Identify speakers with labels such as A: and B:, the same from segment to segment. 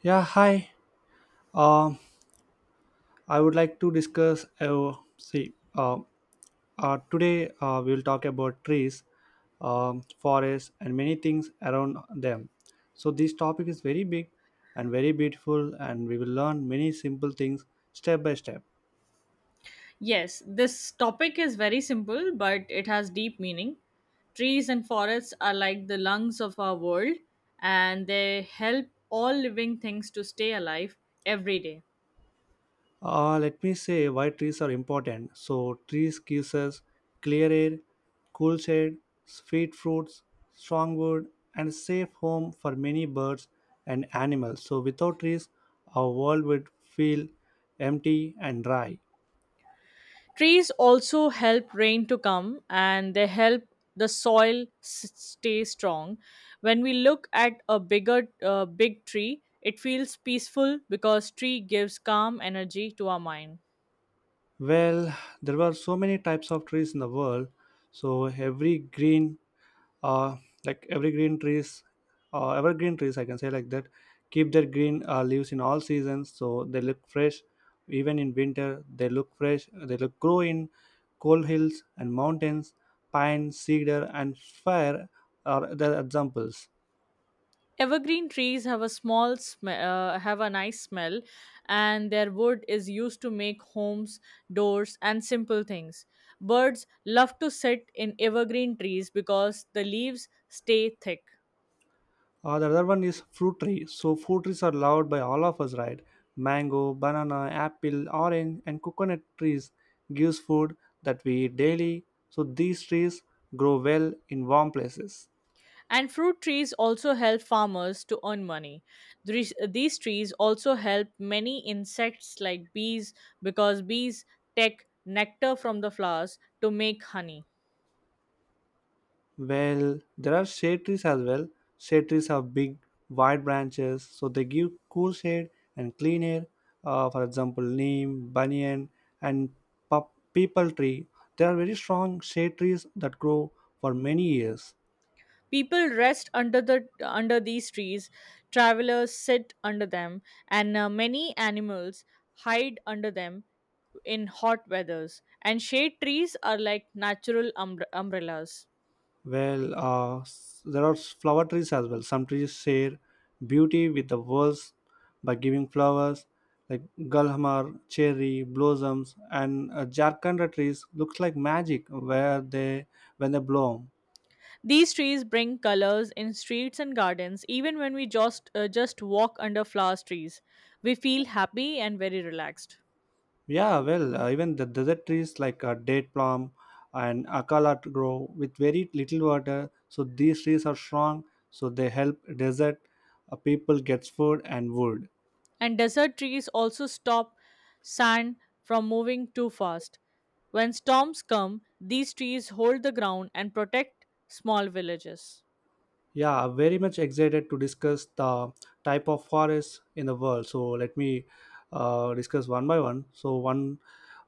A: Yeah, hi. Um, I would like to discuss. See, today we will talk about trees, forests, and many things around them. So this topic is very big and very beautiful, and we will learn many simple things step by step.
B: Yes, this topic is very simple, but it has deep meaning. Trees and forests are like the lungs of our world, and they help all living things to stay alive every day.
A: Let me say why trees are important. So trees gives us clear air, cool shade, sweet fruits, strong wood, and safe home for many birds and animals. So without trees, our world would feel empty and dry.
B: Trees also help rain to come, and they help the stay strong. When we look at a big tree, it feels peaceful because tree gives calm energy to our mind.
A: Well, there were so many types of trees in the world, so uh, every green trees, evergreen trees, I can say like that, keep their green leaves in all seasons, so they look fresh. Even in winter, they look fresh. They look grow in cold hills and mountains. Pine, cedar, and fir are the examples.
B: Evergreen trees have a have a nice smell, and their wood is used to make homes, doors and simple things. Birds love to sit in evergreen trees because the leaves stay thick.
A: The other one is fruit tree. So fruit trees are loved by all of us, right? Mango, banana, apple, orange, and coconut trees gives food that we eat daily. So these trees grow well in warm places.
B: And fruit trees also help farmers to earn money. These these trees also help many insects like bees, because bees take nectar from the flowers to make honey.
A: Well, there are shade trees as well. Shade trees have big, wide branches, so they give cool shade and clean air. For example, neem, banyan, and people tree. They are very strong shade trees that grow for many years.
B: People rest under these trees, travelers sit under them, and many animals hide under them in hot weathers. And shade trees are like natural umbrellas.
A: Flower trees as well. Some trees share beauty with the world by giving flowers like gulhamar, cherry blossoms, and Jharkhand trees looks like magic where they when they bloom.
B: These trees bring colors in streets and gardens. Even when we just walk under flower trees, we feel happy and very relaxed.
A: Yeah, even the desert trees like date plum and grow with very little water. So these trees are strong, so they help desert people gets food and wood.
B: And desert trees also stop sand from moving too fast. When storms come, these trees hold the ground and protect small villages.
A: Yeah, I'm very much excited to discuss the type of forests in the world. So let me discuss one by one. So one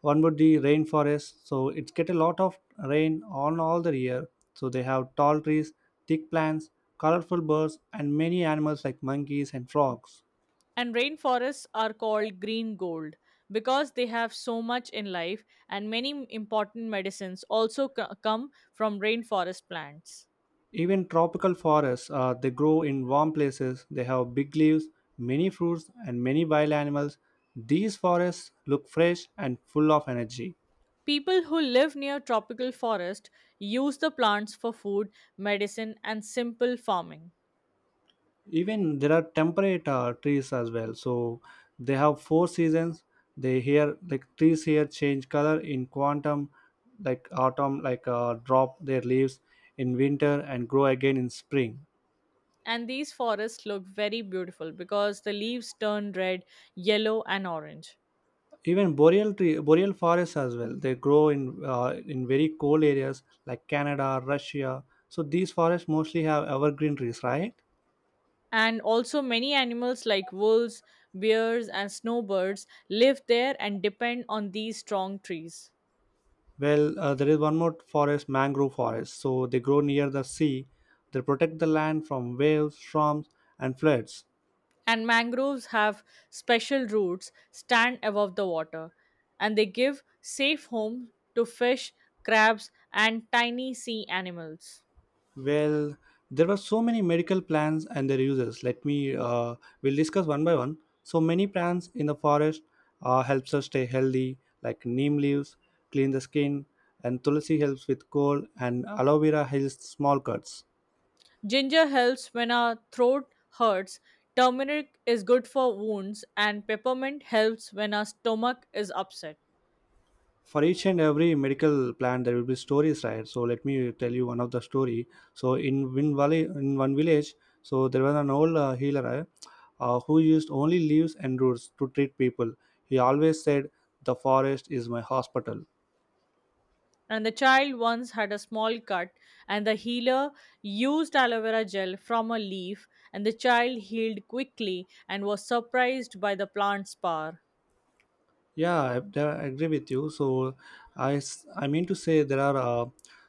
A: one would be rainforest. So it's get a lot of rain on all the year. So they have tall trees, thick plants, colorful birds, and many animals like monkeys and frogs.
B: And rainforests are called green gold, because they have so much in life, and many important medicines also come from rainforest plants.
A: Even tropical forests, they grow in warm places. They have big leaves, many fruits, and many wild animals. These forests look fresh and full of energy.
B: People who live near tropical forest use the plants for food, medicine, and simple farming.
A: Even there are temperate trees as well, so they have four seasons. They here like trees here change color in quantum, like autumn, like drop their leaves in winter and grow again in spring.
B: And these forests look very beautiful because the leaves turn red, yellow, and orange.
A: Even boreal forests as well, they grow in very cold areas like Canada, Russia. So these forests mostly have evergreen trees, right?
B: And also, many animals like wolves, bears, and snowbirds live there and depend on these strong trees.
A: Well, there is one more forest, mangrove forest. So they grow near the sea. They protect the land from waves, storms, and floods.
B: And mangroves have special roots, stand above the water, and they give safe home to fish, crabs, and tiny sea animals.
A: Well, there were so many medical plants and their uses. We'll discuss one by one. So many plants in the forest helps us stay healthy, like neem leaves, clean the skin, and tulsi helps with cold, and aloe vera heals small cuts.
B: Ginger helps when our throat hurts, turmeric is good for wounds, and peppermint helps when our stomach is upset.
A: For each and every medical plan there will be stories, right? So let me tell you one of the story. So in one valley, in one village, so there was an old healer, who used only leaves and roots to treat people. He always said the forest is my hospital.
B: And the child once had a small cut, and the healer used aloe vera gel from a leaf, and the child healed quickly and was surprised by the plant's power.
A: Yeah, I agree with you. So, I mean to say there are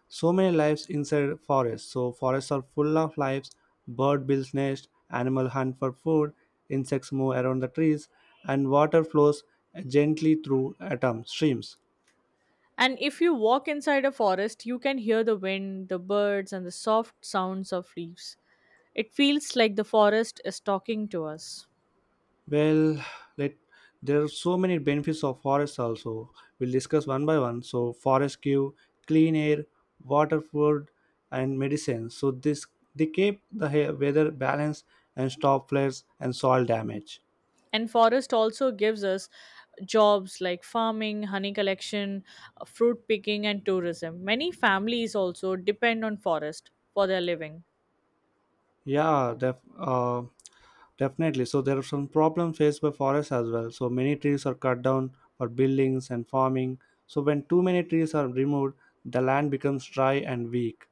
A: so many lives inside forests. So, forests are full of lives. Bird builds nest, animal hunt for food, insects move around the trees, and water flows gently through atom streams.
B: And if you walk inside a forest, you can hear the wind, the birds, and the soft sounds of leaves. It feels like the forest is talking to us.
A: Well, let there are so many benefits of forests also. We'll discuss one by one. So forests give clean air, water, food, and medicine. So this they keep the weather balanced and stop floods and soil damage.
B: And forest also gives us jobs like farming, honey collection, fruit picking and tourism. Many families also depend on forest for their living.
A: Yeah, definitely. So there are some problems faced by forests as well. So many trees are cut down for buildings and farming. So when too many trees are removed, the land becomes dry and weak.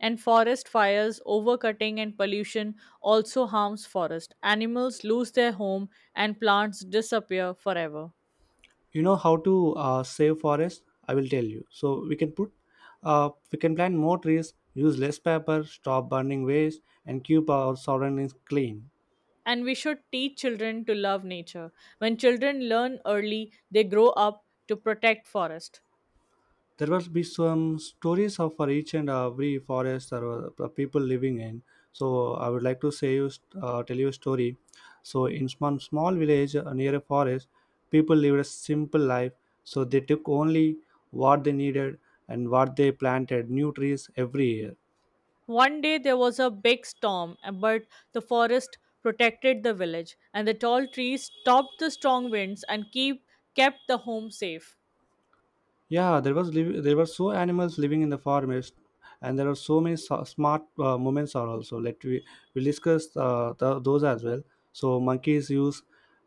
B: And forest fires, overcutting and pollution also harms forest. Animals lose their home and plants disappear forever.
A: You know how to save forest, I will tell you. So we can put we can plant more trees, use less paper, stop burning waste, and keep our surroundings clean.
B: And we should teach children to love nature. When children learn early, they grow up to protect forest.
A: There will be some stories of for each and every forest or people living in. So I would like to say you tell you a story. So in small village near a forest, people lived a simple life. So they took only what they needed, and what they planted new trees every year.
B: One day there was a big storm, but the forest protected the village, and the tall trees stopped the strong winds and keep kept the home safe.
A: Yeah, there were so animals living in the forest, and there are so many smart moments are also. Let we discuss those as well. So monkeys use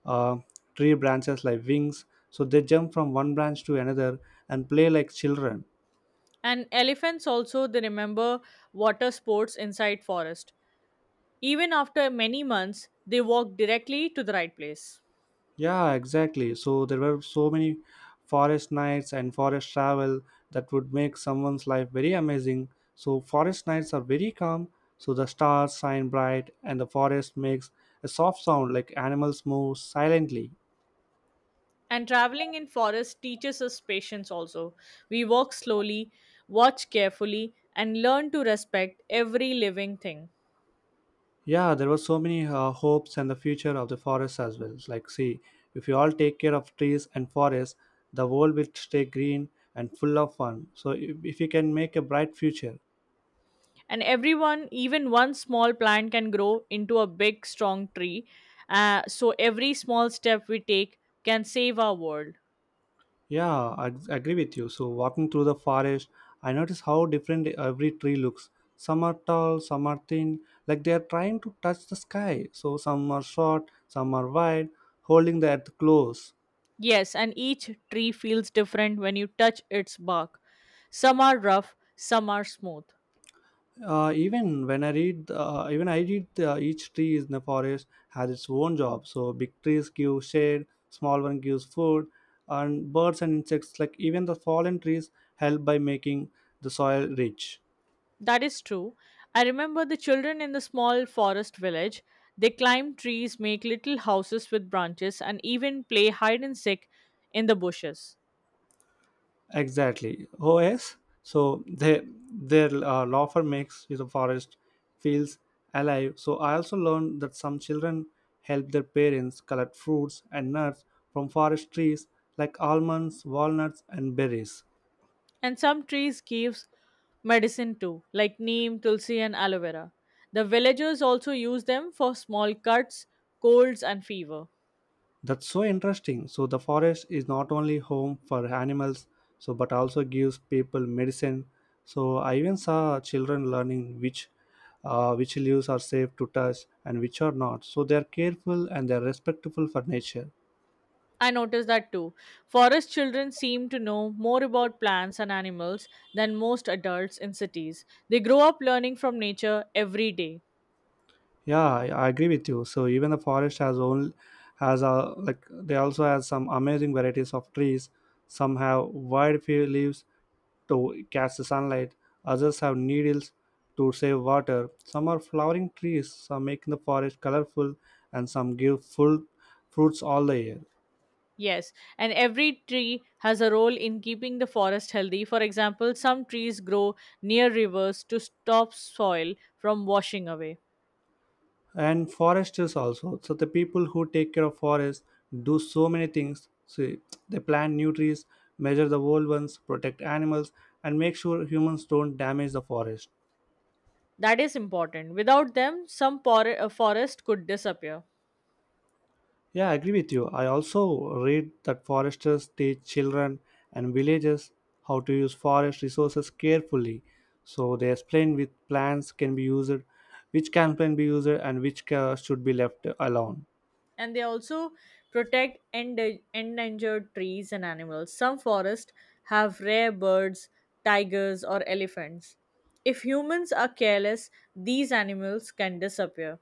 A: uh, tree branches like wings, so they jump from one branch to another and play like children.
B: And elephants also, they remember water sports inside forest. Even after many months, they walk directly to the right place.
A: Yeah, exactly. So there were so many forest nights and forest travel that would make someone's life very amazing. So forest nights are very calm, so the stars shine bright and the forest makes a soft sound like animals move silently.
B: And traveling in forest teaches us patience also. We walk slowly, watch carefully, and learn to respect every living thing.
A: Yeah, there were so many hopes and the future of the forest as well. It's like, see, if you all take care of trees and forests, the world will stay green and full of fun. So if you can make a bright future.
B: And everyone, even one small plant can grow into a big strong tree, so every small step we take can save our world.
A: Yeah, agree with you. So, walking through the forest, I notice how different every tree looks. Some are tall, some are thin, like they are trying to touch the sky. So, some are short, some are wide, holding the earth close.
B: Yes, and each tree feels different when you touch its bark. Some are rough, some are smooth.
A: Even I read each tree in the forest has its own job. So, big trees give shade, small one gives food, and birds and insects, like even the fallen trees, help by making the soil rich.
B: That is true. I remember the children in the small forest village. They climb trees, make little houses with branches and even play hide and seek in the bushes.
A: Exactly. OS. So they, their law firm makes the forest feels alive. So I also learned that some children help their parents collect fruits and nuts from forest trees like almonds, walnuts, and berries.
B: And some trees give medicine too, like neem, tulsi, and aloe vera. The villagers also use them for small cuts, colds, and fever.
A: That's so interesting. So the forest is not only home for animals, so but also gives people medicine. So I even saw children learning which leaves are safe to touch and which are not. So they are careful and they are respectful for nature.
B: I noticed that too. Forest children seem to know more about plants and animals than most adults in cities. They grow up learning from nature every day.
A: Yeah, I agree with you. So even the forest has a like they also has some amazing varieties of trees. Some have wide few leaves to catch the sunlight. Others have needles to save water. Some are flowering trees, some making the forest colorful, and some give full fruits all the year.
B: Yes, and every tree has a role in keeping the forest healthy. For example, some trees grow near rivers to stop soil from washing away.
A: And foresters also, so the people who take care of forests do so many things, see. They plant new trees, measure the old ones, protect animals, and make sure humans don't damage the forest.
B: That is important. Without them, some forest could disappear.
A: Yeah, I agree with you. I also read that foresters teach children and villages how to use forest resources carefully. So they explain which plants can be used, and which should be left alone.
B: And they also protect endangered trees and animals. Some forests have rare birds, tigers, or elephants. If humans are careless, these animals can disappear.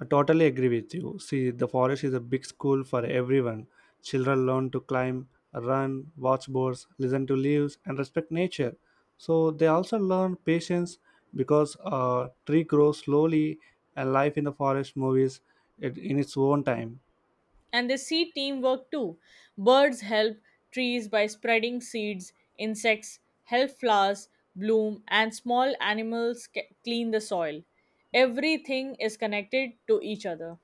A: I totally agree with you. See, the forest is a big school for everyone. Children learn to climb, run, watch birds, listen to leaves, and respect nature. So they also learn patience because a tree grows slowly, and life in the forest moves it in its own time.
B: And they see teamwork too. Birds help trees by spreading seeds, insects help flowers bloom, and small animals clean the soil. Everything is connected to each other.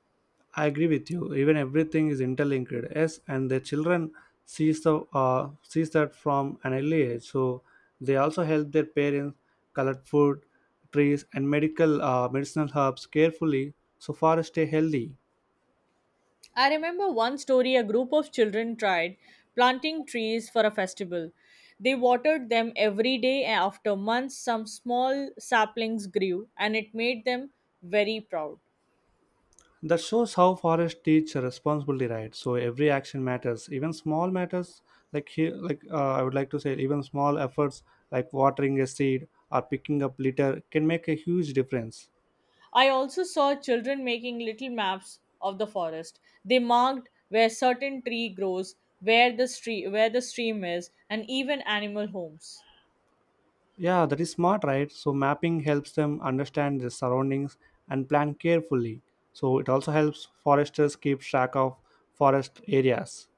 A: I agree with you. Even everything is interlinked. Yes, and the children sees that from an early age. So they also help their parents collect food, trees, and medical medicinal herbs carefully so forests stay healthy.
B: I remember one story: a group of children tried planting trees for a festival. They watered them every day, and after months, some small saplings grew, and it made them very proud.
A: That shows how forests teach responsibility, right? So every action matters, even small matters. Like here, like I would like to say, even small efforts like watering a seed or picking up litter can make a huge difference.
B: I also saw children making little maps of the forest. They marked where certain tree grows, where the stream is, and even animal homes.
A: Yeah, that is smart, right? So mapping helps them understand their surroundings and plan carefully. So it also helps foresters keep track of forest areas.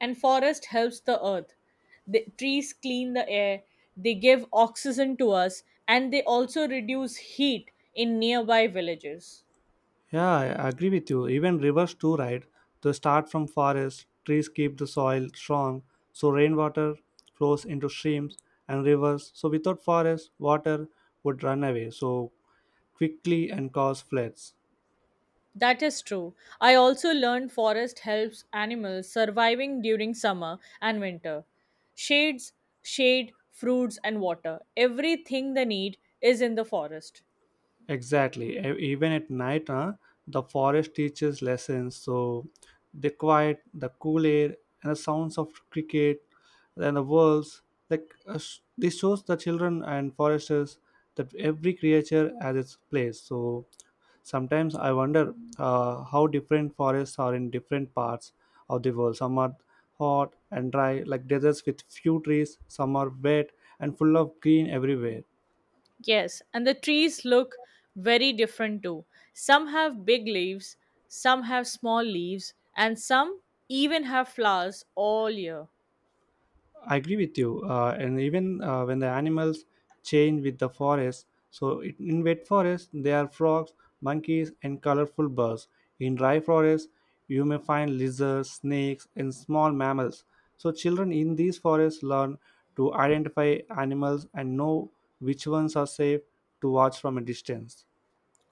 B: And forest helps the earth. The trees clean the air, they give oxygen to us, and they also reduce heat in nearby villages.
A: Yeah, I agree with you. Even rivers too, right? They start from forests, trees keep the soil strong, so rainwater flows into streams and rivers. So without forests, water would run away so quickly and cause floods.
B: That is true. I also learned forest helps animals surviving during summer and winter. shades Shade, fruits and water, everything they need is in the forest.
A: Exactly. Even at night, huh, the forest teaches lessons. So the quiet, the cool air, and the sounds of cricket, and the wolves. Like this shows the children and foresters that every creature has its place. So sometimes I wonder how different forests are in different parts of the world. Some are hot and dry, like deserts with few trees. Some are wet and full of green everywhere.
B: Yes, and the trees look very different too. Some have big leaves, some have small leaves, and some even have flowers all year.
A: I agree with you. And even When the animals change with the forest, so it, in wet forest there are frogs, monkeys, and colorful birds. In dry forest, you may find lizards, snakes, and small mammals. So children in these forests learn to identify animals and know which ones are safe to watch from a distance.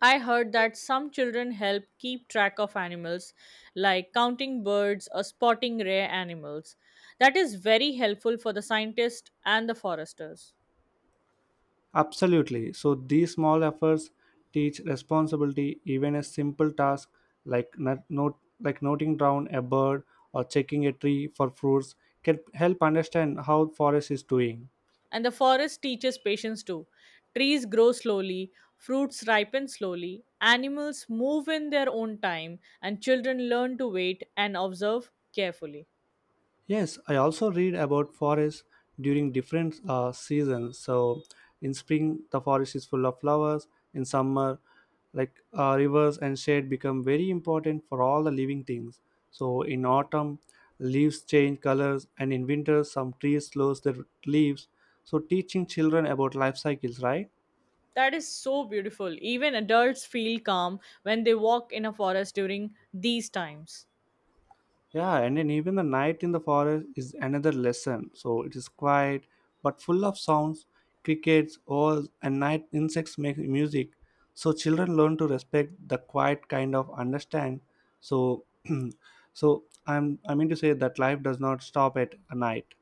B: I heard that some children help keep track of animals, like counting birds or spotting rare animals. That is very helpful for the scientists and the foresters.
A: Absolutely. So these small efforts teach responsibility. Even a simple task like not, note, like noting down a bird or checking a tree for fruits can help understand how forest is doing.
B: And the forest teaches patience too. Trees grow slowly, fruits ripen slowly, animals move in their own time, and children learn to wait and observe carefully.
A: Yes, I also read about forests during different seasons. So in spring, the forest is full of flowers. In summer, like rivers and shade become very important for all the living things. So in autumn, leaves change colors, and in winter, some trees lose their leaves. So teaching children about life cycles, right?
B: That is so beautiful. Even adults feel calm when they walk in a forest during these times.
A: Yeah, and then even the night in the forest is another lesson. So it is quiet but full of sounds, crickets, owls, and night insects make music. So children learn to respect the quiet kind of understand. So, so I mean to say that life does not stop at a night.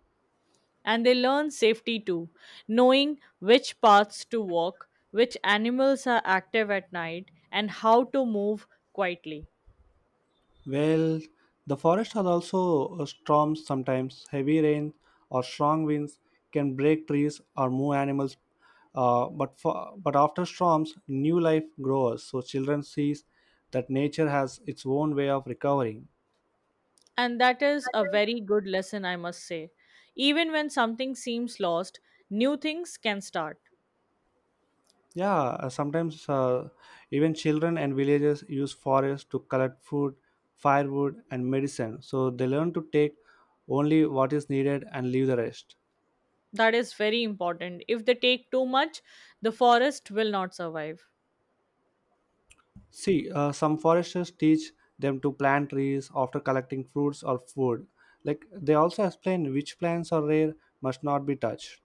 B: And they learn safety too, knowing which paths to walk, which animals are active at night, and how to move quietly.
A: Well, the forest has also storms sometimes. Heavy rain or strong winds can break trees or move animals. But after storms, new life grows. So children sees that nature has its own way of recovering.
B: And that is a very good lesson, I must say. Even when something seems lost, new things can start.
A: Yeah, sometimes even children and villagers use forests to collect food, firewood, and medicine. So they learn to take only what is needed and leave the rest.
B: That is very important. If they take too much, the forest will not survive.
A: See, some foresters teach them to plant trees after collecting fruits or food. Like they also explain which plants are rare must not be touched.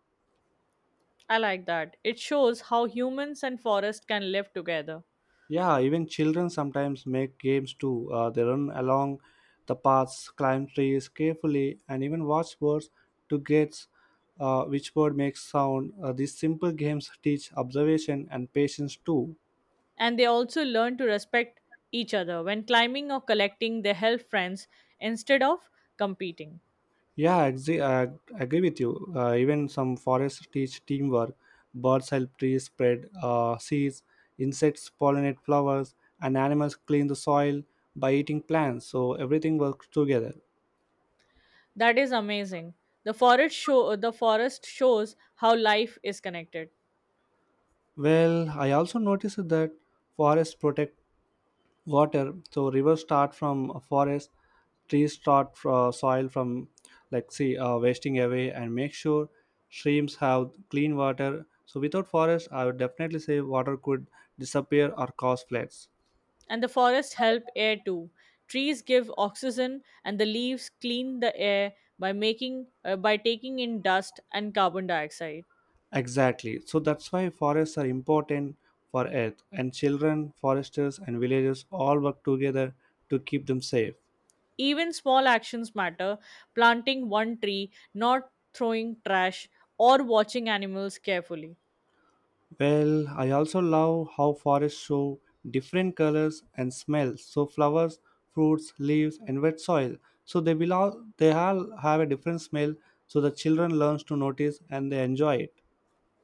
B: I like that. It shows how humans and forest can live together.
A: Yeah, even children sometimes make games too. They run along the paths, climb trees carefully, and even watch birds to guess which bird makes sound. These simple games teach observation and patience too.
B: And they also learn to respect each other. When climbing or collecting, they help friends instead of competing.
A: Yeah, I agree with you. Even some forests teach teamwork. Birds help trees spread seeds, insects pollinate flowers, and animals clean the soil by eating plants. So everything works together.
B: That is amazing. The forest shows how life is connected.
A: Well, I also noticed that forests protect water, so rivers start from a forest, trees start from soil from like see wasting away and make sure streams have clean water. So without forest, I would definitely say water could disappear or cause floods.
B: And the forests help air too. Trees give oxygen, and the leaves clean the air by making by taking in dust and carbon dioxide.
A: Exactly. So that's why forests are important for earth, and children, foresters, and villagers all work together to keep them safe.
B: Even small actions matter. Planting one tree, not throwing trash, or watching animals carefully.
A: Well, I also love how forests show different colors and smells. So flowers, fruits, leaves, and wet soil. So they all have a different smell. So the children learns to notice and they enjoy it.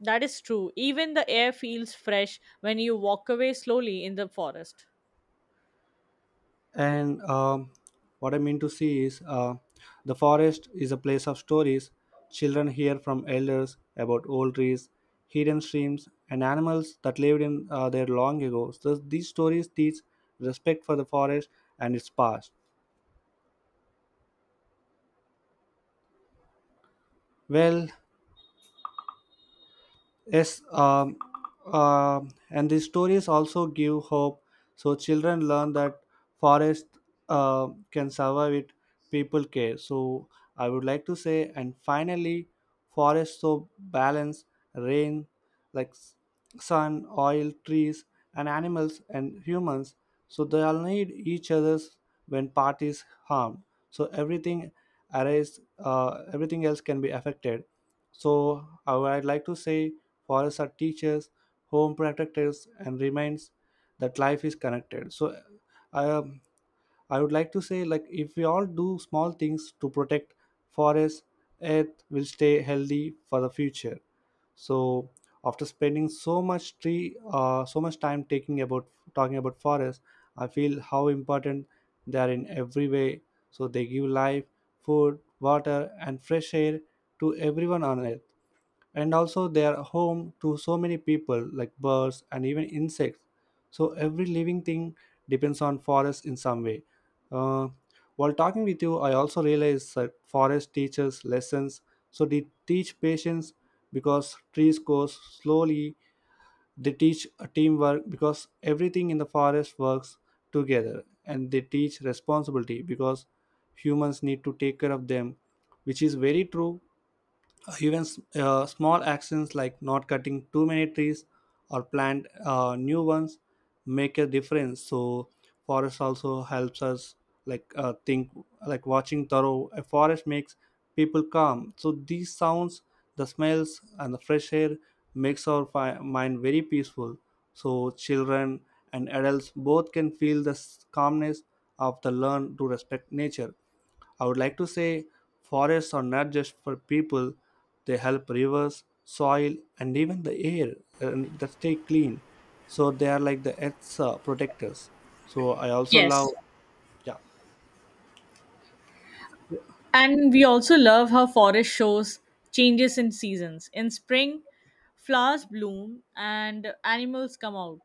B: That is true. Even the air feels fresh when you walk away slowly in the forest.
A: And what I mean to see is the forest is a place of stories. Children hear from elders about old trees, hidden streams, and animals that lived in there long ago. So these stories teach respect for the forest and its past. Well, yes, and the stories also give hope. So children learn that forest can survive it. People care. So I would like to say, and finally, forest so balance, rain, like sun, oil, trees, and animals and humans. So they all need each other's when part is harmed. So everything arrays, everything else can be affected. So I would like to say forests are teachers, home protectors, and reminds that life is connected. So um, I would like to say, like, if we all do small things to protect forests, earth will stay healthy for the future. So after spending so much time taking about talking about forests, I feel how important they are in every way. So they give life, food, water, and fresh air to everyone on earth, and also they are home to so many people like birds and even insects. So every living thing depends on forest in some way. Uh, while talking with you, I also realized that forest teaches lessons. So they teach patience because trees grow slowly. They teach teamwork because everything in the forest works together, and they teach responsibility because humans need to take care of them, which is very true. Even small actions like not cutting too many trees or plant new ones make a difference. So forest also helps us like think, like watching thorough a forest makes people calm. So these sounds, the smells, and the fresh air makes our mind very peaceful. So children and adults both can feel the calmness of the learn to respect nature. I would like to say forests are not just for people, they help rivers, soil, and even the air and that stay clean. So they are like the earth's protectors. So I also love,
B: Yes,
A: yeah,
B: and we also love how forest shows changes in seasons. In spring, flowers bloom and animals come out.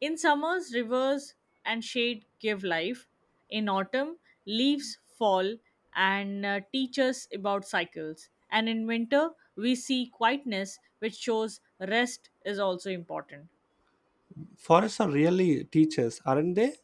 B: In summers, rivers and shade give life. In autumn, leaves fall and teach us about cycles. And in winter, we see quietness, which shows rest is also important.
A: forests are really teachers, aren't they?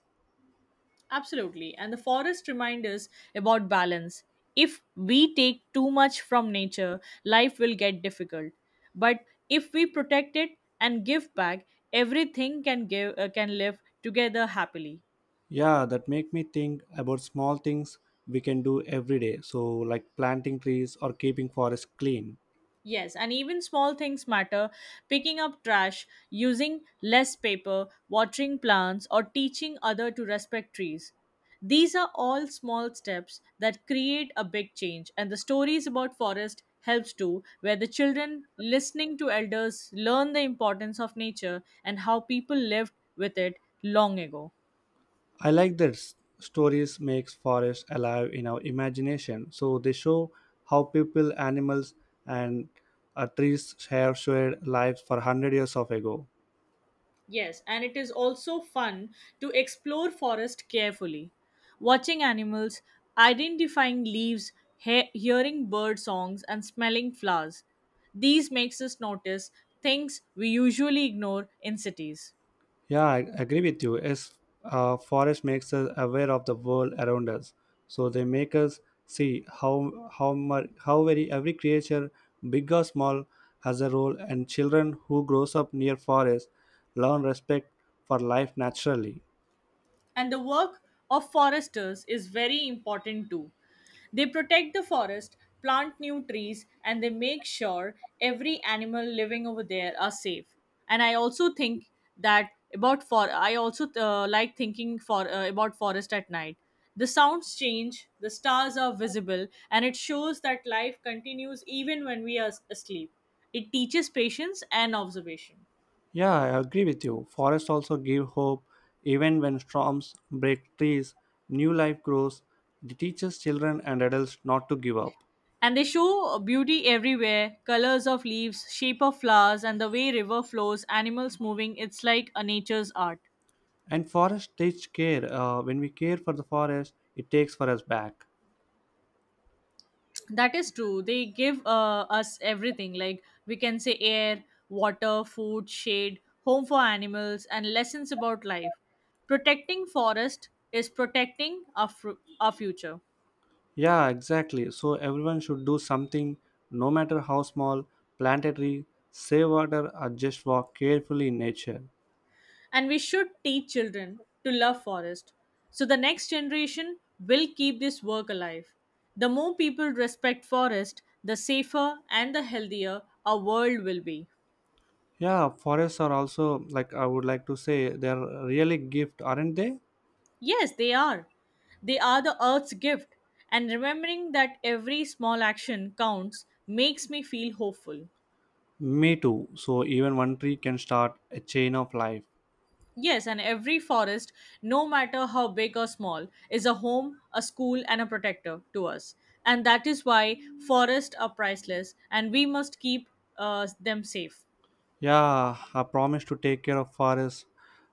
B: Absolutely. And the forest reminds us about balance. If we take too much from nature, life will get difficult. But if we protect it and give back, everything can give can live together happily.
A: Yeah, that make me think about small things we can do every day. So like planting trees or keeping forests clean.
B: Yes, and even small things matter. Picking up trash, using less paper, watering plants, or teaching other to respect trees. These are all small steps that create a big change, and the stories about forest helps too, where the children listening to elders learn the importance of nature and how people lived with it long ago.
A: I like that stories makes forests alive in our imagination. So they show how people, animals, and trees have shared lives for hundred years of ago.
B: Yes, and it is also fun to explore forest carefully, watching animals, identifying leaves, hearing bird songs and smelling flowers. These makes us notice things we usually ignore in cities.
A: Yeah, I agree with you. Yes, forest makes us aware of the world around us. So they make us see how very every creature, big or small, has a role. And children who grows up near forest learn respect for life naturally.
B: And the work of foresters is very important too. They protect the forest, plant new trees, and they make sure every animal living over there are safe. And I also think that about for I also like thinking for about forest at night. The sounds change, the stars are visible, and it shows that life continues even when we are asleep. It teaches patience and observation.
A: Yeah, I agree with you. Forests also give hope. Even when storms break trees, new life grows. It teaches children and adults not to give up.
B: And they show beauty everywhere: colors of leaves, shape of flowers, and the way river flows, animals moving. It's like a nature's art.
A: And forest teach care. When we care for the forest, it takes for us back.
B: That is true. They give us everything. Like we can say air, water, food, shade, home for animals, and lessons about life. Protecting forest is protecting our future.
A: Yeah, exactly. So everyone should do something, no matter how small. Plant a tree, save water, or just walk carefully in nature.
B: And we should teach children to love forest, so the next generation will keep this work alive. The more people respect forest, the safer and the healthier our world will be.
A: Yeah, forests are also like, I would like to say, they're really gift, aren't they?
B: Yes, they are. They are the earth's gift, and remembering that every small action counts makes me feel hopeful.
A: Me too. So even one tree can start a chain of life.
B: Yes, and every forest, no matter how big or small, is a home, a school, and a protector to us. And that is why forests are priceless and we must keep them safe.
A: Yeah, I promise to take care of forests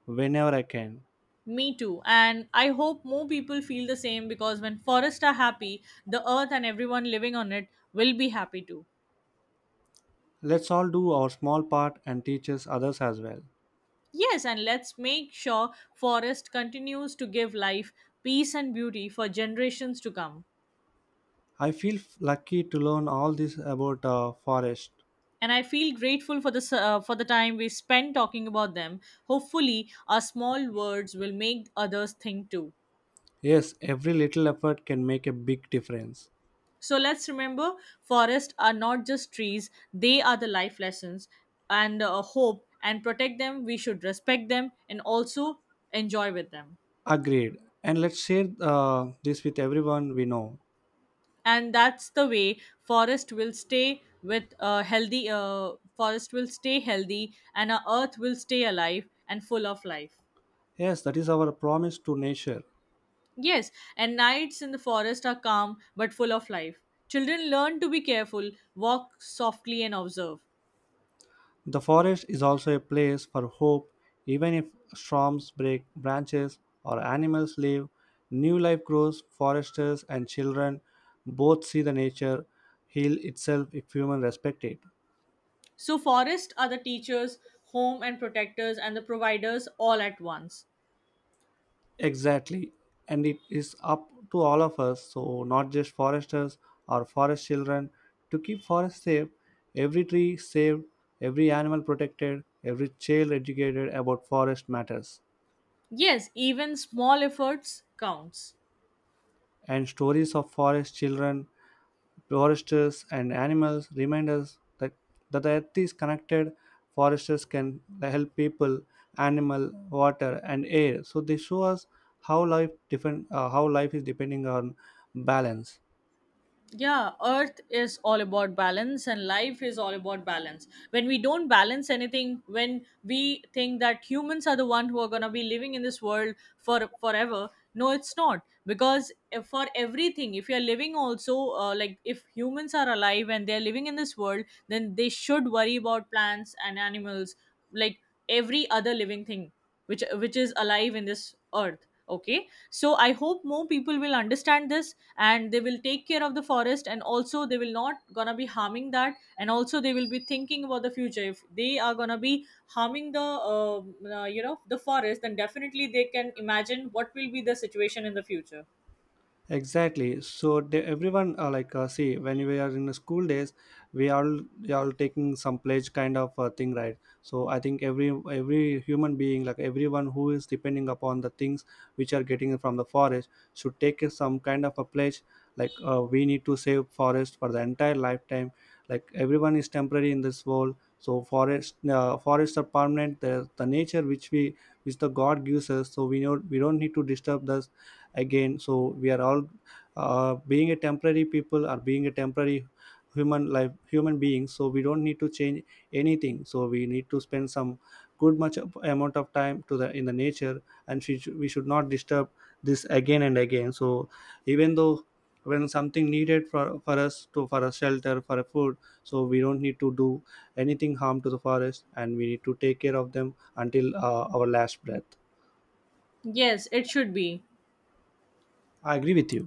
A: whenever I can.
B: Me too. And I hope more people feel the same, because when forests are happy, the earth and everyone living on it will be happy too.
A: Let's all do our small part and teaches others as well.
B: Yes, and let's make sure forest continues to give life, peace, and beauty for generations to come.
A: I feel lucky to learn all this about forest.
B: And I feel grateful for for the time we spent talking about them. Hopefully, our small words will make others think too.
A: Yes, every little effort can make a big difference.
B: So let's remember, forests are not just trees; they are the life lessons and hope. And protect them. We should respect them and also enjoy with them.
A: Agreed. And let's share this with everyone we know.
B: And that's the way forest will stay with healthy. Forest will stay healthy, and our earth will stay alive and full of life.
A: Yes, that is our promise to nature.
B: Yes, and nights in the forest are calm but full of life. Children learn to be careful, walk softly, and observe.
A: The forest is also a place for hope, even if storms break branches or animals leave. New life grows, foresters and children both see the nature heal itself if humans respect it.
B: So, forests are the teachers, home and protectors, and the providers all at once.
A: Exactly. And it is up to all of us, so not just foresters or forest children, to keep forests safe, every tree saved, every animal protected, every child educated about forest matters.
B: Yes, even small efforts counts.
A: And stories of forest children, foresters, and animals remind us that, that the earth is connected. Foresters can help people, animal, water, and air. So they show us how life is depending on balance.
B: Yeah, earth is all about balance, and life is all about balance. When we don't balance anything, when we think that humans are the one who are going to be living in this world for forever, no, it's not. Because if for everything, if you're living also like if humans are alive and they're living in this world, then they should worry about plants and animals, like every other living thing which is alive in this earth. Okay, so I hope more people will understand this, and they will take care of the forest, and also they will not gonna be harming that, and also they will be thinking about the future. If they are gonna be harming the you know the forest, then definitely they can imagine what will be the situation in the future.
A: Exactly. So they, everyone like see, when we are in the school days, we are all taking some pledge kind of thing, right? So I think every human being, like everyone who is depending upon the things which are getting from the forest, should take some kind of a pledge. Like we need to save forest for the entire lifetime. Like everyone is temporary in this world, so forests are permanent. The nature which we which the God gives us, so we know we don't need to disturb the again. So we are all being a temporary people or being a temporary human life human beings, so we don't need to change anything. So we need to spend some amount of time to the in the nature, and we should not disturb this again and again. So even though when something needed for us to for a shelter for a food, so we don't need to do anything harm to the forest, and we need to take care of them until our last breath.
B: Yes, it should be
A: I agree with you.